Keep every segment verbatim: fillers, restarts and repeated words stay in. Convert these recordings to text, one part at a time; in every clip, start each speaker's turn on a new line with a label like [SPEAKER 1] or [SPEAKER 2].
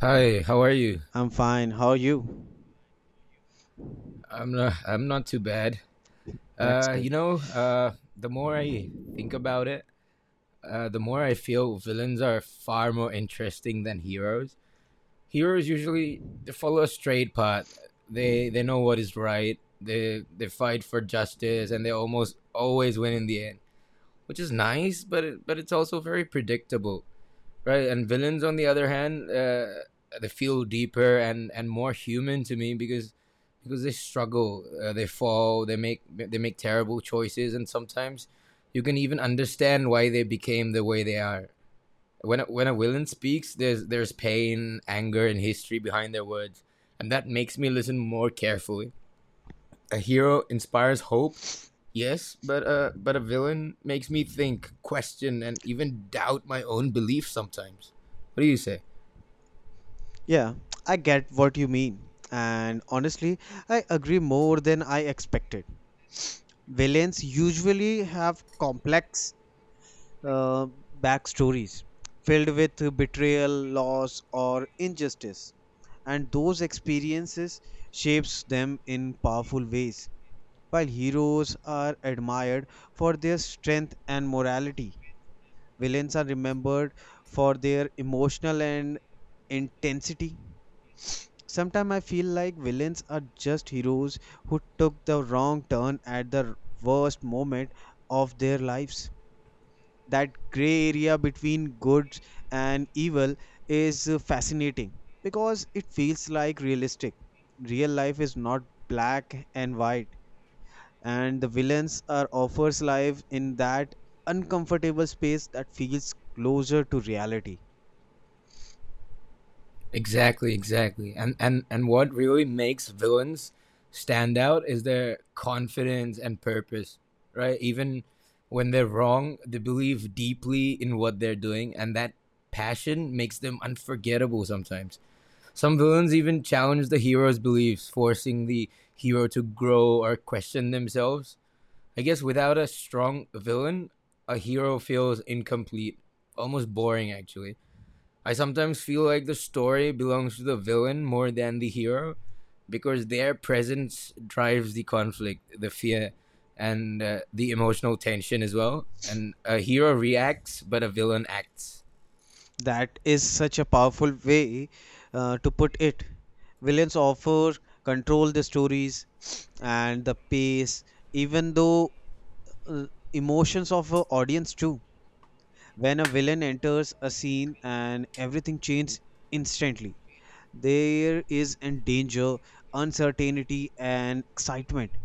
[SPEAKER 1] Hi, how are you?
[SPEAKER 2] I'm fine. How are you?
[SPEAKER 1] I'm not, I'm not too bad.
[SPEAKER 2] That's
[SPEAKER 1] Uh, you
[SPEAKER 2] good.
[SPEAKER 1] know, uh, the more I think about it, uh, the more I feel villains are far more interesting than heroes. Heroes usually they follow a straight path. They they know what is right. They they fight for justice, and they almost always win in the end, which is nice. But it, but it's also very predictable, right? And villains, on the other hand, uh, they feel deeper and and more human to me because because they struggle, uh, they fall, they make they make terrible choices, and sometimes you can even understand why they became the way they are. When a, when a villain speaks, there's there's pain, anger, and history behind their words, and that makes me listen more carefully. A hero inspires hope, yes, but uh, but a villain makes me think, question, and even doubt my own beliefs sometimes. What do you say?
[SPEAKER 2] Yeah, I get what you mean. And honestly, I agree more than I expected. Villains usually have complex uh, backstories filled with betrayal, loss, or injustice. And those experiences shapes them in powerful ways. While heroes are admired for their strength and morality, villains are remembered for their emotional and intensity. Sometimes I feel like villains are just heroes who took the wrong turn at the worst moment of their lives. That gray area between good and evil is uh, fascinating because it feels like realistic. Real life is not black and white, and the villains are offers life in that uncomfortable space that feels closer to reality.
[SPEAKER 1] Exactly, exactly. And and and what really makes villains stand out is their confidence and purpose, right? Even when they're wrong, they believe deeply in what they're doing, and that passion makes them unforgettable sometimes. Some villains even challenge the hero's beliefs, forcing the hero to grow or question themselves. I guess without a strong villain, a hero feels incomplete, almost boring actually. I sometimes feel like the story belongs to the villain more than the hero because their presence drives the conflict, the fear, and uh, the emotional tension as well. And a hero reacts, but a villain acts.
[SPEAKER 2] That is such a powerful way uh, to put it. Villains offer control the stories and the pace, even though uh, emotions of a audience too. When a villain enters a scene and everything changes instantly, there is in danger, uncertainty, and excitement.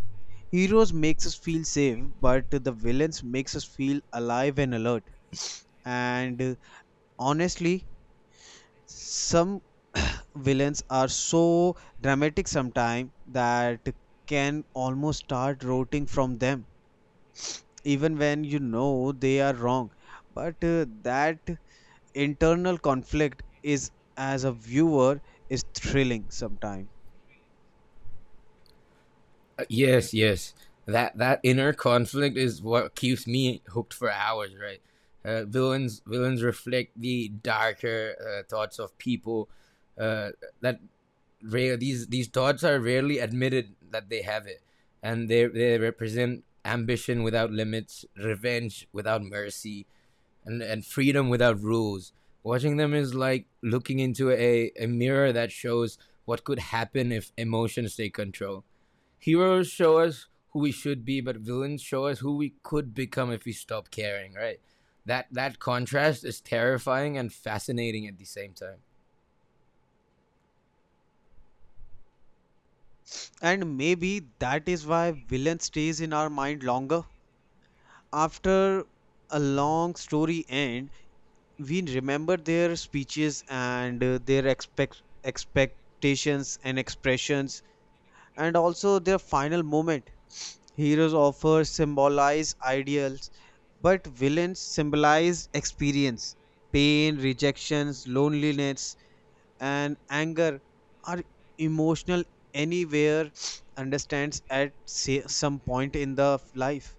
[SPEAKER 2] Heroes makes us feel safe, but the villains makes us feel alive and alert. And uh, honestly some villains are so dramatic sometimes that can almost start rooting from them even when you know they are wrong, but uh, that internal conflict is, as a viewer, is thrilling sometimes.
[SPEAKER 1] Uh, yes, yes. That that inner conflict is what keeps me hooked for hours, right? Uh, villains villains reflect the darker uh, thoughts of people, uh, that rare these these thoughts are rarely admitted that they have it, and they they represent ambition without limits, revenge without mercy, and and freedom without rules. Watching them is like looking into a, a mirror that shows what could happen if emotions take control. Heroes show us who we should be, but villains show us who we could become if we stop caring, right? That that contrast is terrifying and fascinating at the same time.
[SPEAKER 2] And maybe that is why villain stays in our mind longer after a long story end. We remember their speeches and, uh, their expect expectations and expressions, and also their final moment. Heroes offer symbolize ideals, but villains symbolize experience. Pain, rejections, loneliness, and anger are emotional anywhere understands at, say, some point in the life.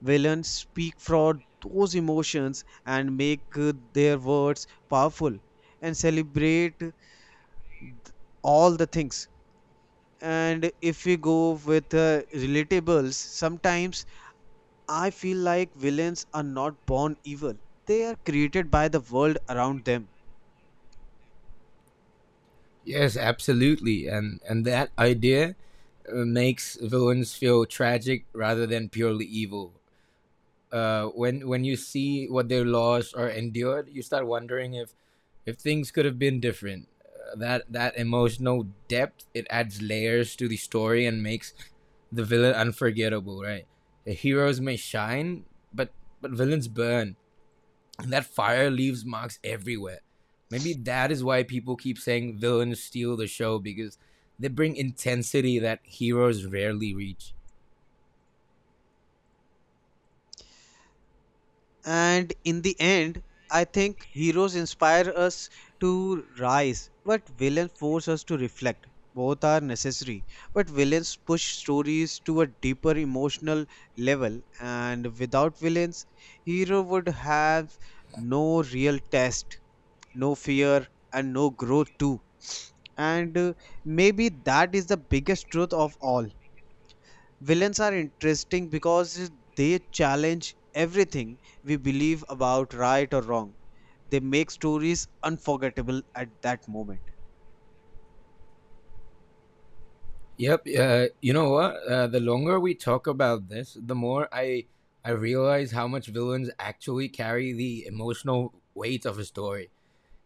[SPEAKER 2] Villains speak for those emotions and make uh, their words powerful and celebrate all the things. And if we go with, uh, relatables sometimes, I feel like villains are not born evil. They are created by the world around them.
[SPEAKER 1] Yes, absolutely, and and that idea uh, makes villains feel tragic rather than purely evil. Uh, when when you see what they lost or endured, you start wondering if if things could have been different. Uh, that that emotional depth, it adds layers to the story and makes the villain unforgettable. Right, the heroes may shine, but but villains burn, and that fire leaves marks everywhere. Maybe that is why people keep saying villains steal the show because they bring intensity that heroes rarely reach.
[SPEAKER 2] And in the end, I think heroes inspire us to rise, but villains force us to reflect. Both are necessary, but villains push stories to a deeper emotional level, and without villains, hero would have no real test, no fear, and no growth too. And uh, maybe that is the biggest truth of all. Villains are interesting because they challenge everything we believe about right or wrong. They make stories unforgettable at that moment.
[SPEAKER 1] Yep. Uh, you know what? Uh, the longer we talk about this, the more I I realize how much villains actually carry the emotional weight of a story.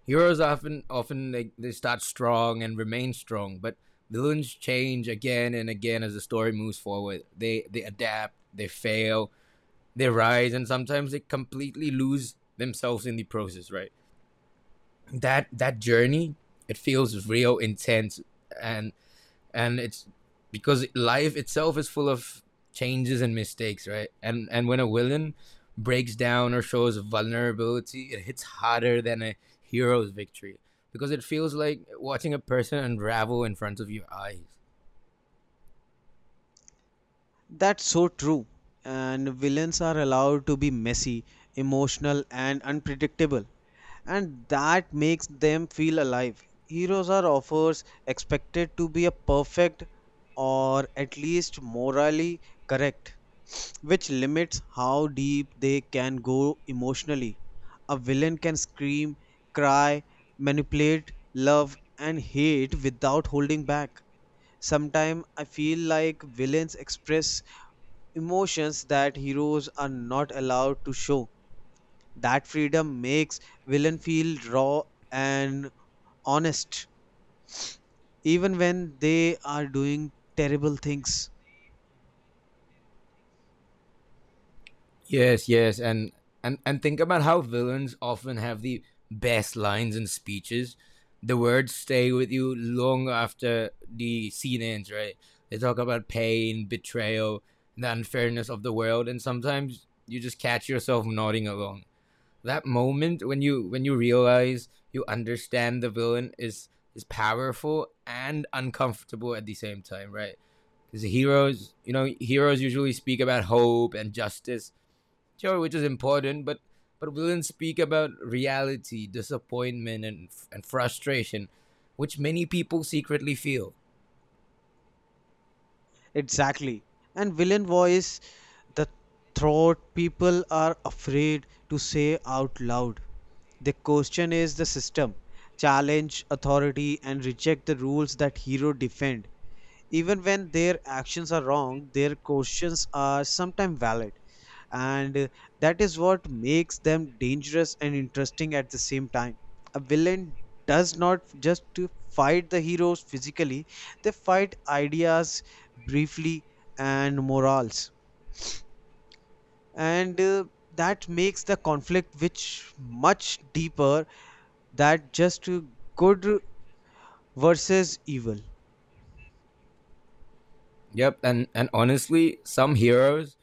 [SPEAKER 1] Heroes often often they, they start strong and remain strong, but villains change again and again as the story moves forward. They they adapt, they fail, they rise, and sometimes they completely lose themselves in the process, right? That that journey, it feels real intense, and and it's because life itself is full of changes and mistakes, right? And and when a villain breaks down or shows vulnerability, it hits harder than a hero's victory because it feels like watching a person unravel in front of your eyes.
[SPEAKER 2] That's so true. And villains are allowed to be messy, emotional, and unpredictable. And that makes them feel alive. Heroes are offers expected to be a perfect, or at least morally correct, which limits how deep they can go emotionally. A villain can scream, cry, manipulate, love, and hate without holding back. Sometimes I feel like villains express emotions that heroes are not allowed to show. That freedom makes villain feel raw and honest, even when they are doing terrible things.
[SPEAKER 1] Yes, yes, and and and think about how villains often have the best lines and speeches. The words stay with you long after the scene ends, right? They talk about pain, betrayal, the unfairness of the world, and sometimes you just catch yourself nodding along. That moment when you when you realize you understand the villain is is powerful and uncomfortable at the same time, right? Because heroes, you know, heroes usually speak about hope and justice, sure, which is important, but but we didn't speak about reality, disappointment, and and frustration, which many people secretly feel.
[SPEAKER 2] Exactly. And villain voice, the thought people are afraid to say out loud. The question is the system, challenge authority, and reject the rules that hero defend. Even when their actions are wrong, their questions are sometimes valid. And uh, that is what makes them dangerous and interesting at the same time. A villain does not just to fight the heroes physically, they fight ideas briefly, and morals. And uh, that makes the conflict which much deeper that just, uh, good versus evil.
[SPEAKER 1] Yep, and and honestly, some heroes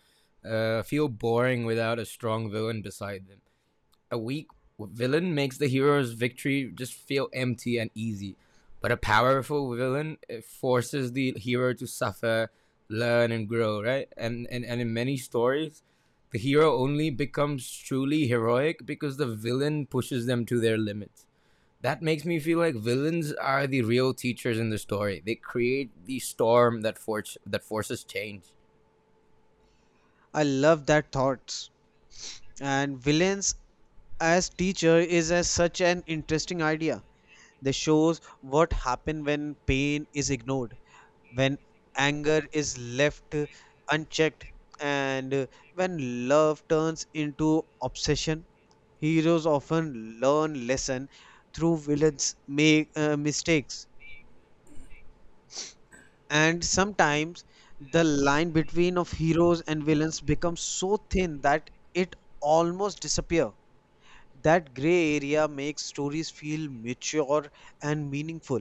[SPEAKER 1] uh, feel boring without a strong villain beside them. A weak villain makes the hero's victory just feel empty and easy, but a powerful villain, it forces the hero to suffer, learn, and grow. Right, and and and in many stories, the hero only becomes truly heroic because the villain pushes them to their limits. That makes me feel like villains are the real teachers in the story. They create the storm that force that forces change.
[SPEAKER 2] I love that thoughts. And villains as teacher is as such an interesting idea. This shows what happens when pain is ignored, when anger is left unchecked, and when love turns into obsession. Heroes often learn lesson through villains make uh, mistakes. And sometimes the line between of heroes and villains becomes so thin that it almost disappear. That gray area makes stories feel mature and meaningful.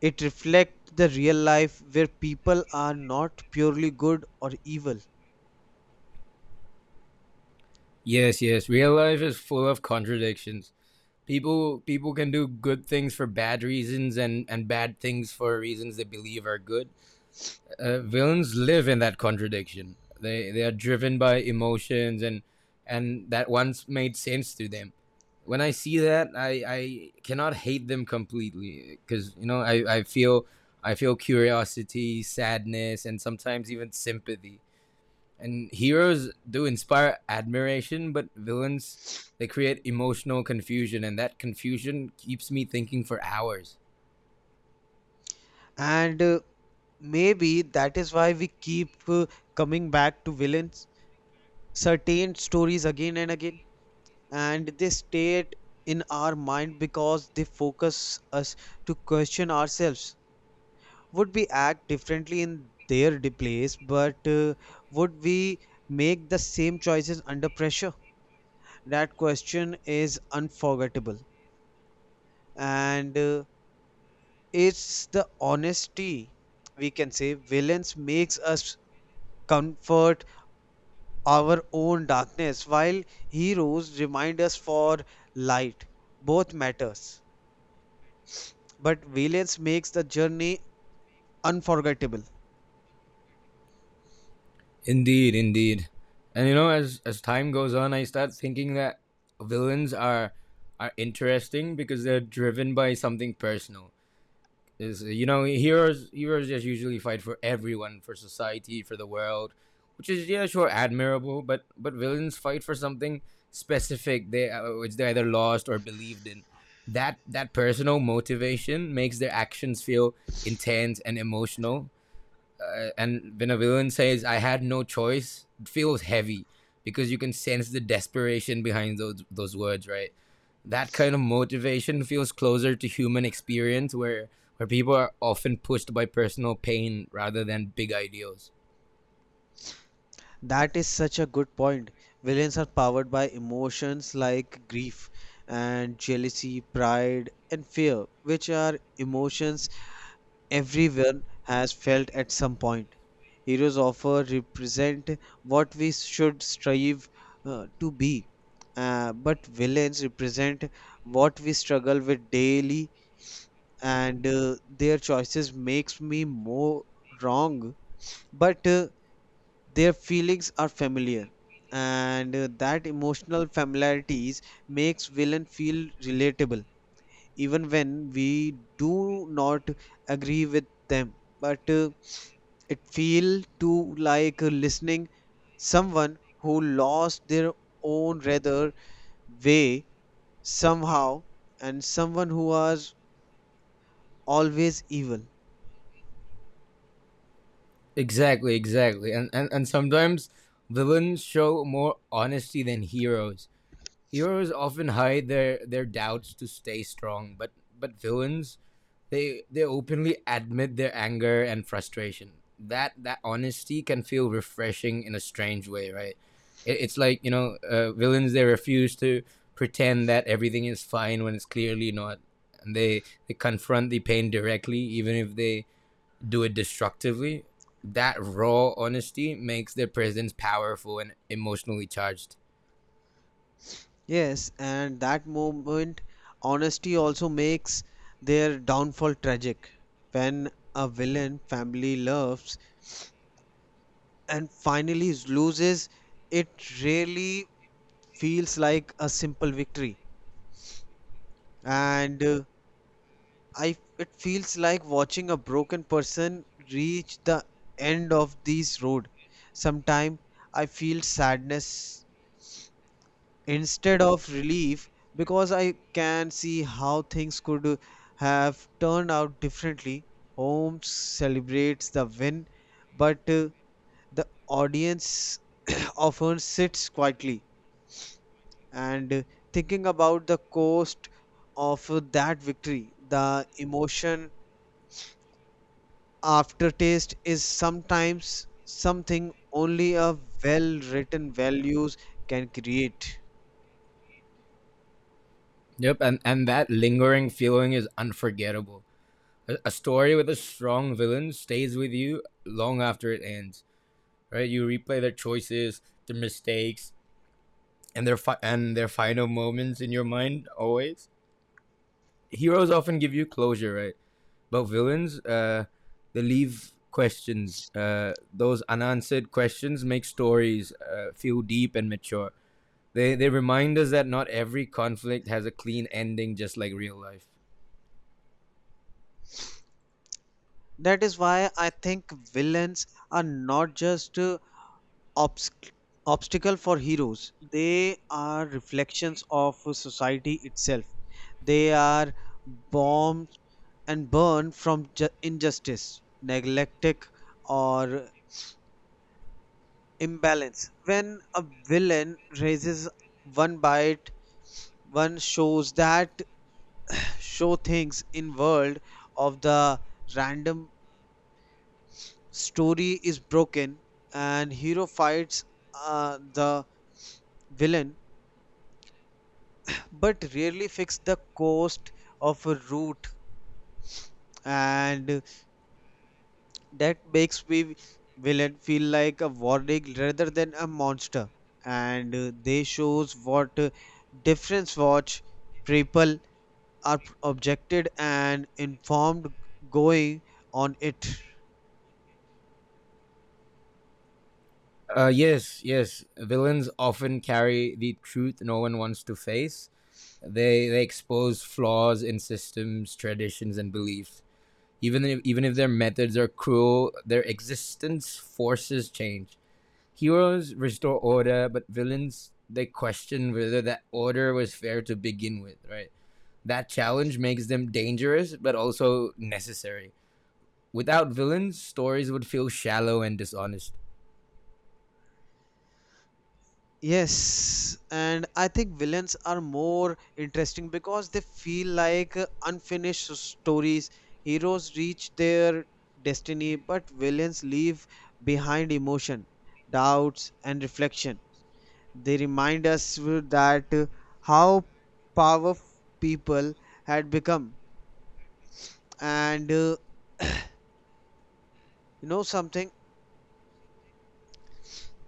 [SPEAKER 2] It reflects the real life where people are not purely good or evil.
[SPEAKER 1] Yes, yes. Real life is full of contradictions. people people can do good things for bad reasons, and and bad things for reasons they believe are good. Uh, villains live in that contradiction. They they are driven by emotions, and and that once made sense to them. When I see that, i i cannot hate them completely because, you know, i i feel i feel curiosity, sadness, and sometimes even sympathy. And heroes do inspire admiration, but villains, they create emotional confusion, and that confusion keeps me thinking for hours.
[SPEAKER 2] And uh, maybe that is why we keep, uh, coming back to villains, certain stories again and again. And they stay in our mind because they focus us to question ourselves. Would we act differently in their de- place, but uh, would we make the same choices under pressure? That question is unforgettable. And uh, it's the honesty, we can say, villains makes us comfort our own darkness, while heroes remind us for light. Both matters, but villains makes the journey unforgettable.
[SPEAKER 1] Indeed, indeed. And you know, as as time goes on, I start thinking that villains are are interesting because they're driven by something personal. Is, you know, heroes heroes just usually fight for everyone, for society, for the world, which is, yeah, sure, admirable, but but villains fight for something specific, they uh, which they either lost or believed in. That that personal motivation makes their actions feel intense and emotional. Uh, and when a villain says I had no choice, it feels heavy because you can sense the desperation behind those those words, right? That kind of motivation feels closer to human experience where where people are often pushed by personal pain rather than big ideals.
[SPEAKER 2] That is such a good point. Villains are powered by emotions like grief and jealousy, pride and fear, which are emotions everyone has felt at some point. Heroes often represent what we should strive uh, to be, uh, but villains represent what we struggle with daily, and uh, their choices makes me more wrong. But uh, their feelings are familiar, and uh, that emotional familiarities makes villain feel relatable even when we do not agree with them. But uh, it feel too like, uh, listening someone who lost their own rather way somehow, and someone who was always evil.
[SPEAKER 1] Exactly, exactly, and and, and sometimes villains show more honesty than heroes. Heroes often hide their, their doubts to stay strong, but but villains, they they openly admit their anger and frustration. That that honesty can feel refreshing in a strange way, right? It, it's like, you know, uh, villains, they refuse to pretend that everything is fine when it's clearly not, and they they confront the pain directly, even if they do it destructively. That raw honesty makes their presence powerful and emotionally charged.
[SPEAKER 2] Yes, and that moment, honesty also makes their downfall tragic. When a villain family loves and finally loses, it really feels like a simple victory. And uh, I, it feels like watching a broken person reach the end of this road. Sometime I feel sadness instead of relief because I can see how things could have turned out differently. Holmes celebrates the win, but uh, the audience often sits quietly and uh, thinking about the cost of uh, that victory. The emotion aftertaste is sometimes something only a well written values can create.
[SPEAKER 1] Yep, and, and that lingering feeling is unforgettable. A, a story with a strong villain stays with you long after it ends, right? You replay their choices, their mistakes, and their fi- and their final moments in your mind always. Heroes often give you closure, right? But villains, uh, they leave questions. Uh, those unanswered questions make stories uh, feel deep and mature. They they remind us that not every conflict has a clean ending, just like real life.
[SPEAKER 2] That is why I think villains are not just uh, obs- obstacle for heroes. They are reflections of society itself. They are bombed and burned from ju- injustice, neglectic, or imbalance. When a villain raises one bite, one shows that show things in world of the random story is broken, and hero fights uh, the villain but rarely fix the cost of a route, and that makes me villain feel like a warning rather than a monster. And uh, they shows what uh, difference watch people are objected and informed going on it.
[SPEAKER 1] Uh, yes, yes. Villains often carry the truth no one wants to face. They they expose flaws in systems, traditions, and beliefs. Even if, even if their methods are cruel, their existence forces change. Heroes restore order, but villains, they question whether that order was fair to begin with. Right. That challenge makes them dangerous, but also necessary. Without villains, stories would feel shallow and dishonest.
[SPEAKER 2] Yes, and I think villains are more interesting because they feel like uh, unfinished s- stories. Heroes reach their destiny, but villains leave behind emotion, doubts, and reflection. They remind us w- that uh, how powerful people had become, and uh, you know something.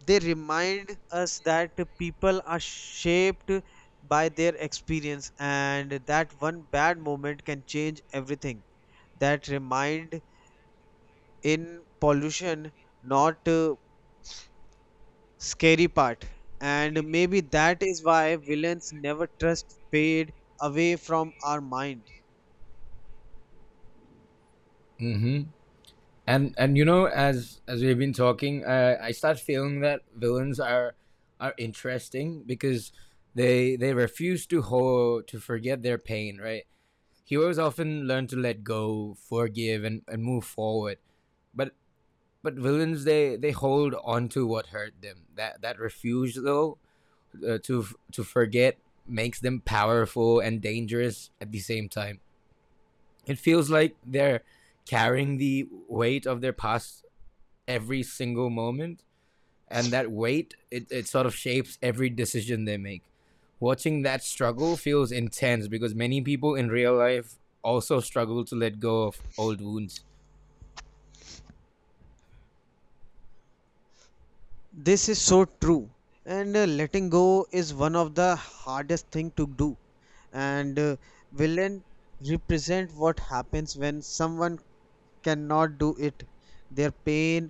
[SPEAKER 2] They remind us that people are shaped by their experience, and that one bad moment can change everything. That remind in pollution not, uh, scary part. And maybe that is why villains never trust fade away from our mind.
[SPEAKER 1] Mm-hmm. And and you know, as as we've been talking, uh, I start feeling that villains are are interesting because they they refuse to ho- to forget their pain. Right? Heroes often learn to let go, forgive, and, and move forward. But but villains they they hold on to what hurt them. That that refusal uh, to f- to forget makes them powerful and dangerous at the same time. It feels like they're carrying the weight of their past every single moment, and that weight, it, it sort of shapes every decision they make. Watching that struggle feels intense because many people in real life also struggle to let go of old wounds.
[SPEAKER 2] This is so true. And uh, letting go is one of the hardest thing to do. And uh, villain represent what happens when someone cannot do it. Their pain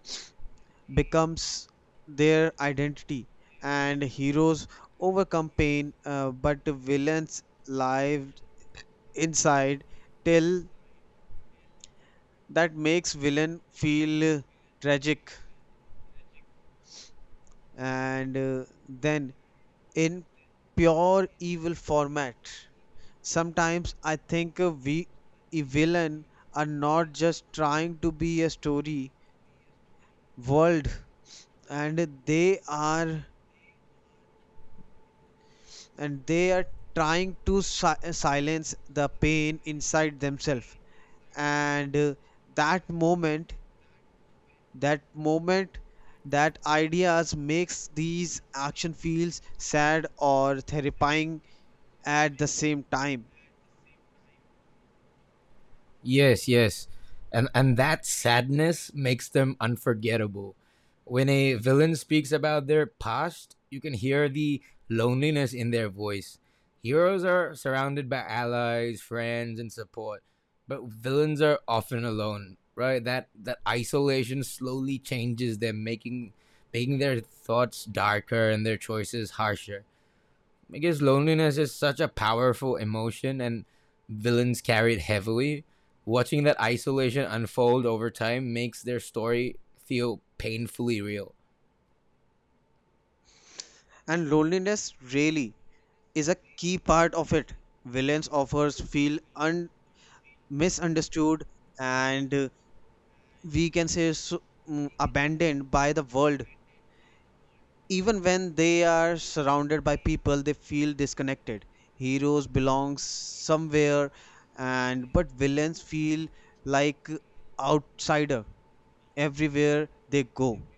[SPEAKER 2] becomes their identity, and heroes overcome pain, uh, but villains live inside till. That makes villain feel, uh, tragic, and uh, then in pure evil format. Sometimes I think uh, we a villain are not just trying to be a story world, and they are and they are trying to si- silence the pain inside themselves. And uh, that moment, that moment, that ideas makes these action feels sad or terrifying at the same time.
[SPEAKER 1] Yes, yes. And and that sadness makes them unforgettable. When a villain speaks about their past, you can hear the loneliness in their voice. Heroes are surrounded by allies, friends, and support, but villains are often alone, right? That that isolation slowly changes them, making making their thoughts darker and their choices harsher. I guess loneliness is such a powerful emotion, and villains carry it heavily. Watching that isolation unfold over time makes their story feel painfully real.
[SPEAKER 2] And loneliness really is a key part of it. Villains offers feel un- misunderstood, and uh, we can say so, mm, abandoned by the world. Even when they are surrounded by people, they feel disconnected. Heroes belong somewhere, and but villains feel like outsider everywhere they go,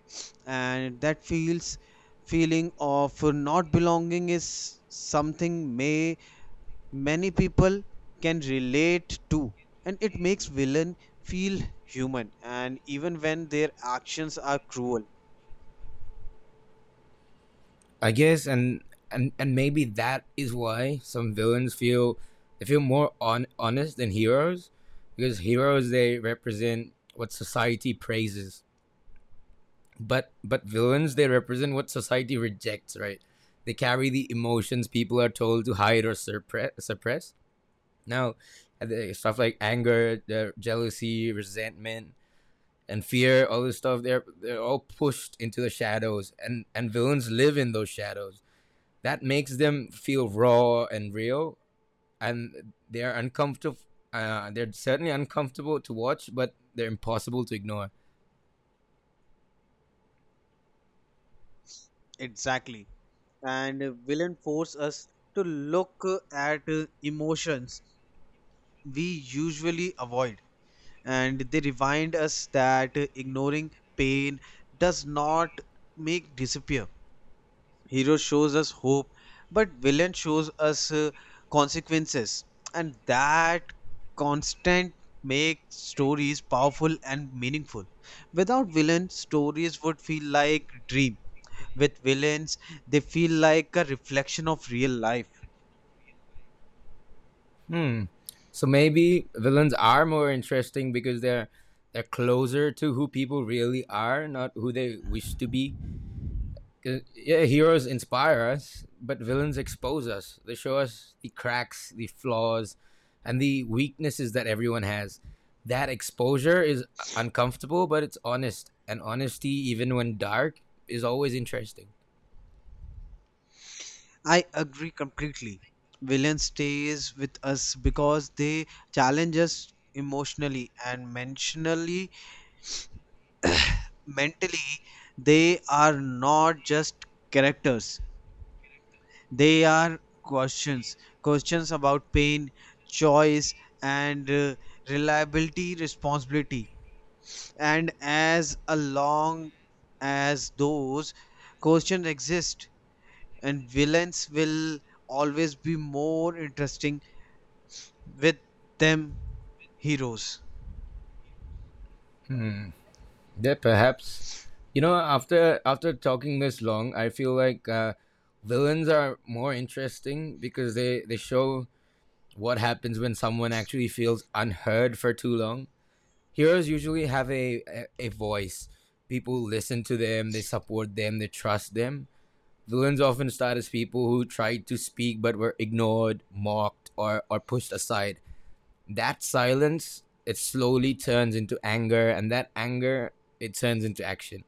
[SPEAKER 2] and that feels feeling of not belonging is something may many people can relate to, and it makes villain feel human, and even when their actions are cruel.
[SPEAKER 1] I guess and and, and maybe that is why some villains feel they feel more on, honest than heroes, because heroes, they represent what society praises, but but villains, they represent what society rejects, right? They carry the emotions people are told to hide or suppress suppress. Now, uh, the stuff like anger, the jealousy, resentment, and fear, all this stuff, they're they're all pushed into the shadows, and and villains live in those shadows. That makes them feel raw and real, and they're uncomfortable. Uh, they're certainly uncomfortable to watch, but they're impossible to ignore.
[SPEAKER 2] Exactly. And villain force us to look at uh, emotions we usually avoid, and they remind us that uh, ignoring pain does not make disappear. Hero shows us hope, but villain shows us, uh, consequences. And that constant makes stories powerful and meaningful. Without villain, stories would feel like dream. With villains, they feel like a reflection of real life.
[SPEAKER 1] Hmm. So maybe villains are more interesting because they're they're closer to who people really are, not who they wish to be. 'Cause, yeah, heroes inspire us, but villains expose us. They show us the cracks, the flaws, and the weaknesses that everyone has. That exposure is uncomfortable, but it's honest. And honesty, even when dark, is always interesting.
[SPEAKER 2] I agree completely. Villain stays with us because they challenge us emotionally and mentionally mentally. They are not just characters. They are questions. Questions about pain, choice, and, uh, reliability, responsibility. And as long as those questions exist, and villains will always be more interesting with them heroes.
[SPEAKER 1] Yeah, perhaps. You know, after after talking this long, I feel like uh, villains are more interesting because they they show what happens when someone actually feels unheard for too long. Heroes usually have a, a a voice. People listen to them, they support them, they trust them. Villains often start as people who tried to speak but were ignored, mocked, or or pushed aside. That silence, it slowly turns into anger, and that anger, it turns into action.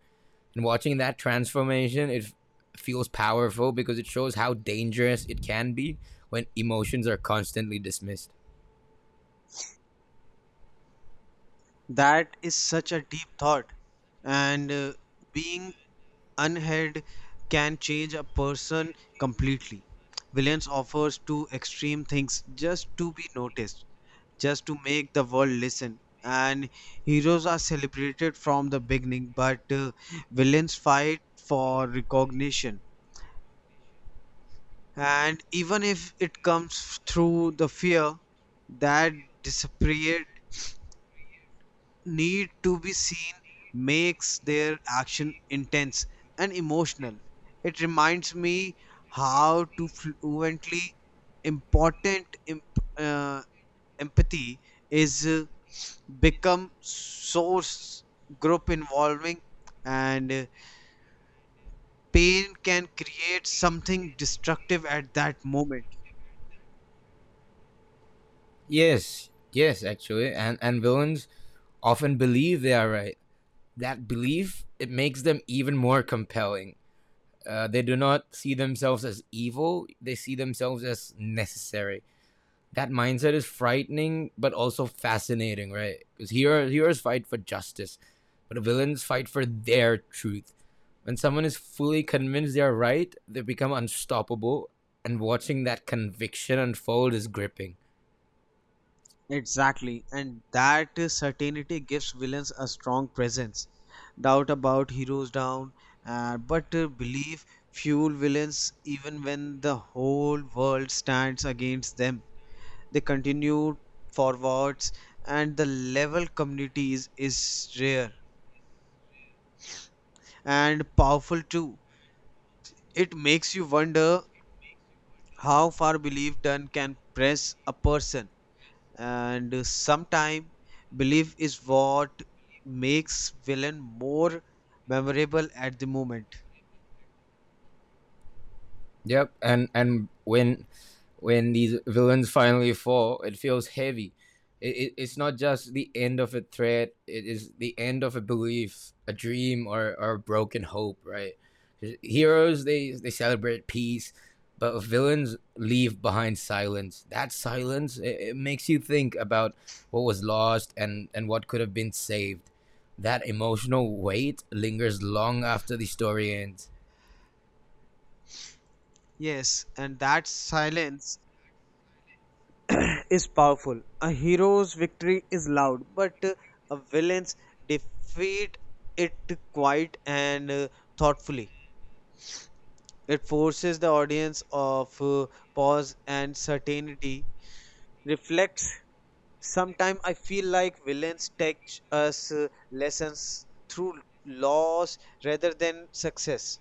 [SPEAKER 1] And watching that transformation, it feels powerful because it shows how dangerous it can be when emotions are constantly dismissed.
[SPEAKER 2] That is such a deep thought, and uh, being unheard can change a person completely. Villains offers two extreme things just to be noticed, just to make the world listen. And heroes are celebrated from the beginning, but uh, villains fight for recognition. And even if it comes through the fear that disappeared need to be seen makes their action intense and emotional. It reminds me how to fluently important imp- uh, empathy is, uh, become source group involving, and uh, pain can create something destructive at that moment.
[SPEAKER 1] Yes, yes, actually, and and villains often believe they are right. That belief, it makes them even more compelling. Uh, they do not see themselves as evil, they see themselves as necessary. That mindset is frightening, but also fascinating, right? Because hero, heroes fight for justice, but villains fight for their truth. When someone is fully convinced they are right, they become unstoppable, and watching that conviction unfold is gripping.
[SPEAKER 2] Exactly, and that certainty gives villains a strong presence. Doubt about heroes down, uh, but uh, belief fuel villains even when the whole world stands against them. They continue forwards, and the level communities is rare and powerful too. It makes you wonder how far belief done can press a person, and sometimes, belief is what makes villain more memorable at the moment.
[SPEAKER 1] Yep, and and when when these villains finally fall, it feels heavy. It, it, it's not just the end of a threat; it is the end of a belief, a dream, or or a broken hope. Right? Heroes, they they celebrate peace, but villains leave behind silence. That silence, it, it makes you think about what was lost and and what could have been saved. That emotional weight lingers long after the story ends.
[SPEAKER 2] Yes, and that silence is powerful. A hero's victory is loud, but uh, a villain's defeat it quiet and, uh, thoughtfully it forces the audience of, uh, pause and certainty reflects. Sometimes I feel like villains teach us uh, lessons through loss rather than success.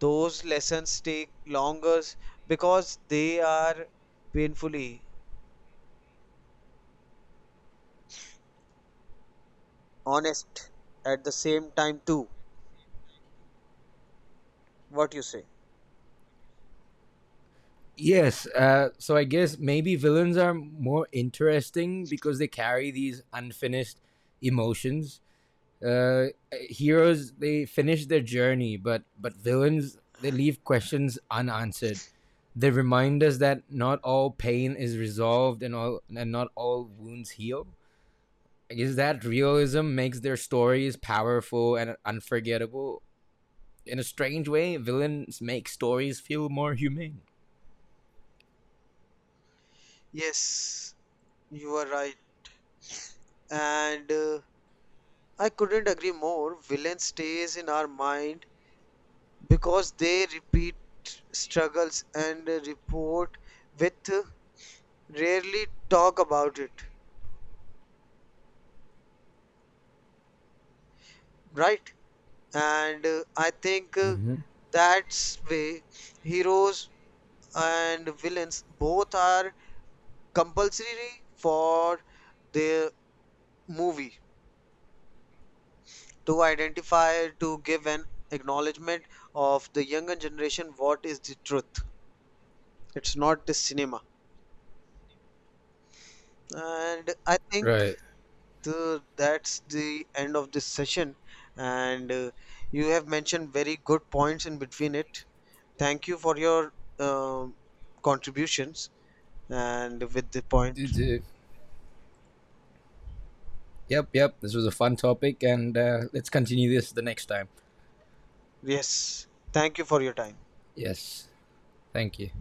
[SPEAKER 2] Those lessons take longer because they are painfully honest at the same time too. What you say?
[SPEAKER 1] Yes. Uh, so I guess maybe villains are more interesting because they carry these unfinished emotions. Uh, Heroes, they finish their journey, but but villains, they leave questions unanswered. They remind us that not all pain is resolved and all and not all wounds heal. I guess that realism makes their stories powerful and unforgettable. In a strange way, villains make stories feel more humane.
[SPEAKER 2] Yes, you are right. And uh, I couldn't agree more. Villain stays in our mind because they repeat struggles and, uh, report with, uh, rarely talk about it, right? And uh, I think uh,
[SPEAKER 1] Hmm.
[SPEAKER 2] that's way heroes and villains both are compulsory for the movie to identify, to give an acknowledgement of the younger generation what is the truth. It's not the cinema. And I think,
[SPEAKER 1] Right.
[SPEAKER 2] so that's the end of this session. And uh, you have mentioned very good points in between it. Thank you for your um contributions and with the point.
[SPEAKER 1] Did, did, Yep, yep. This was a fun topic, and uh, let's continue this the next time.
[SPEAKER 2] Yes, thank you for your time.
[SPEAKER 1] Yes. Thank you.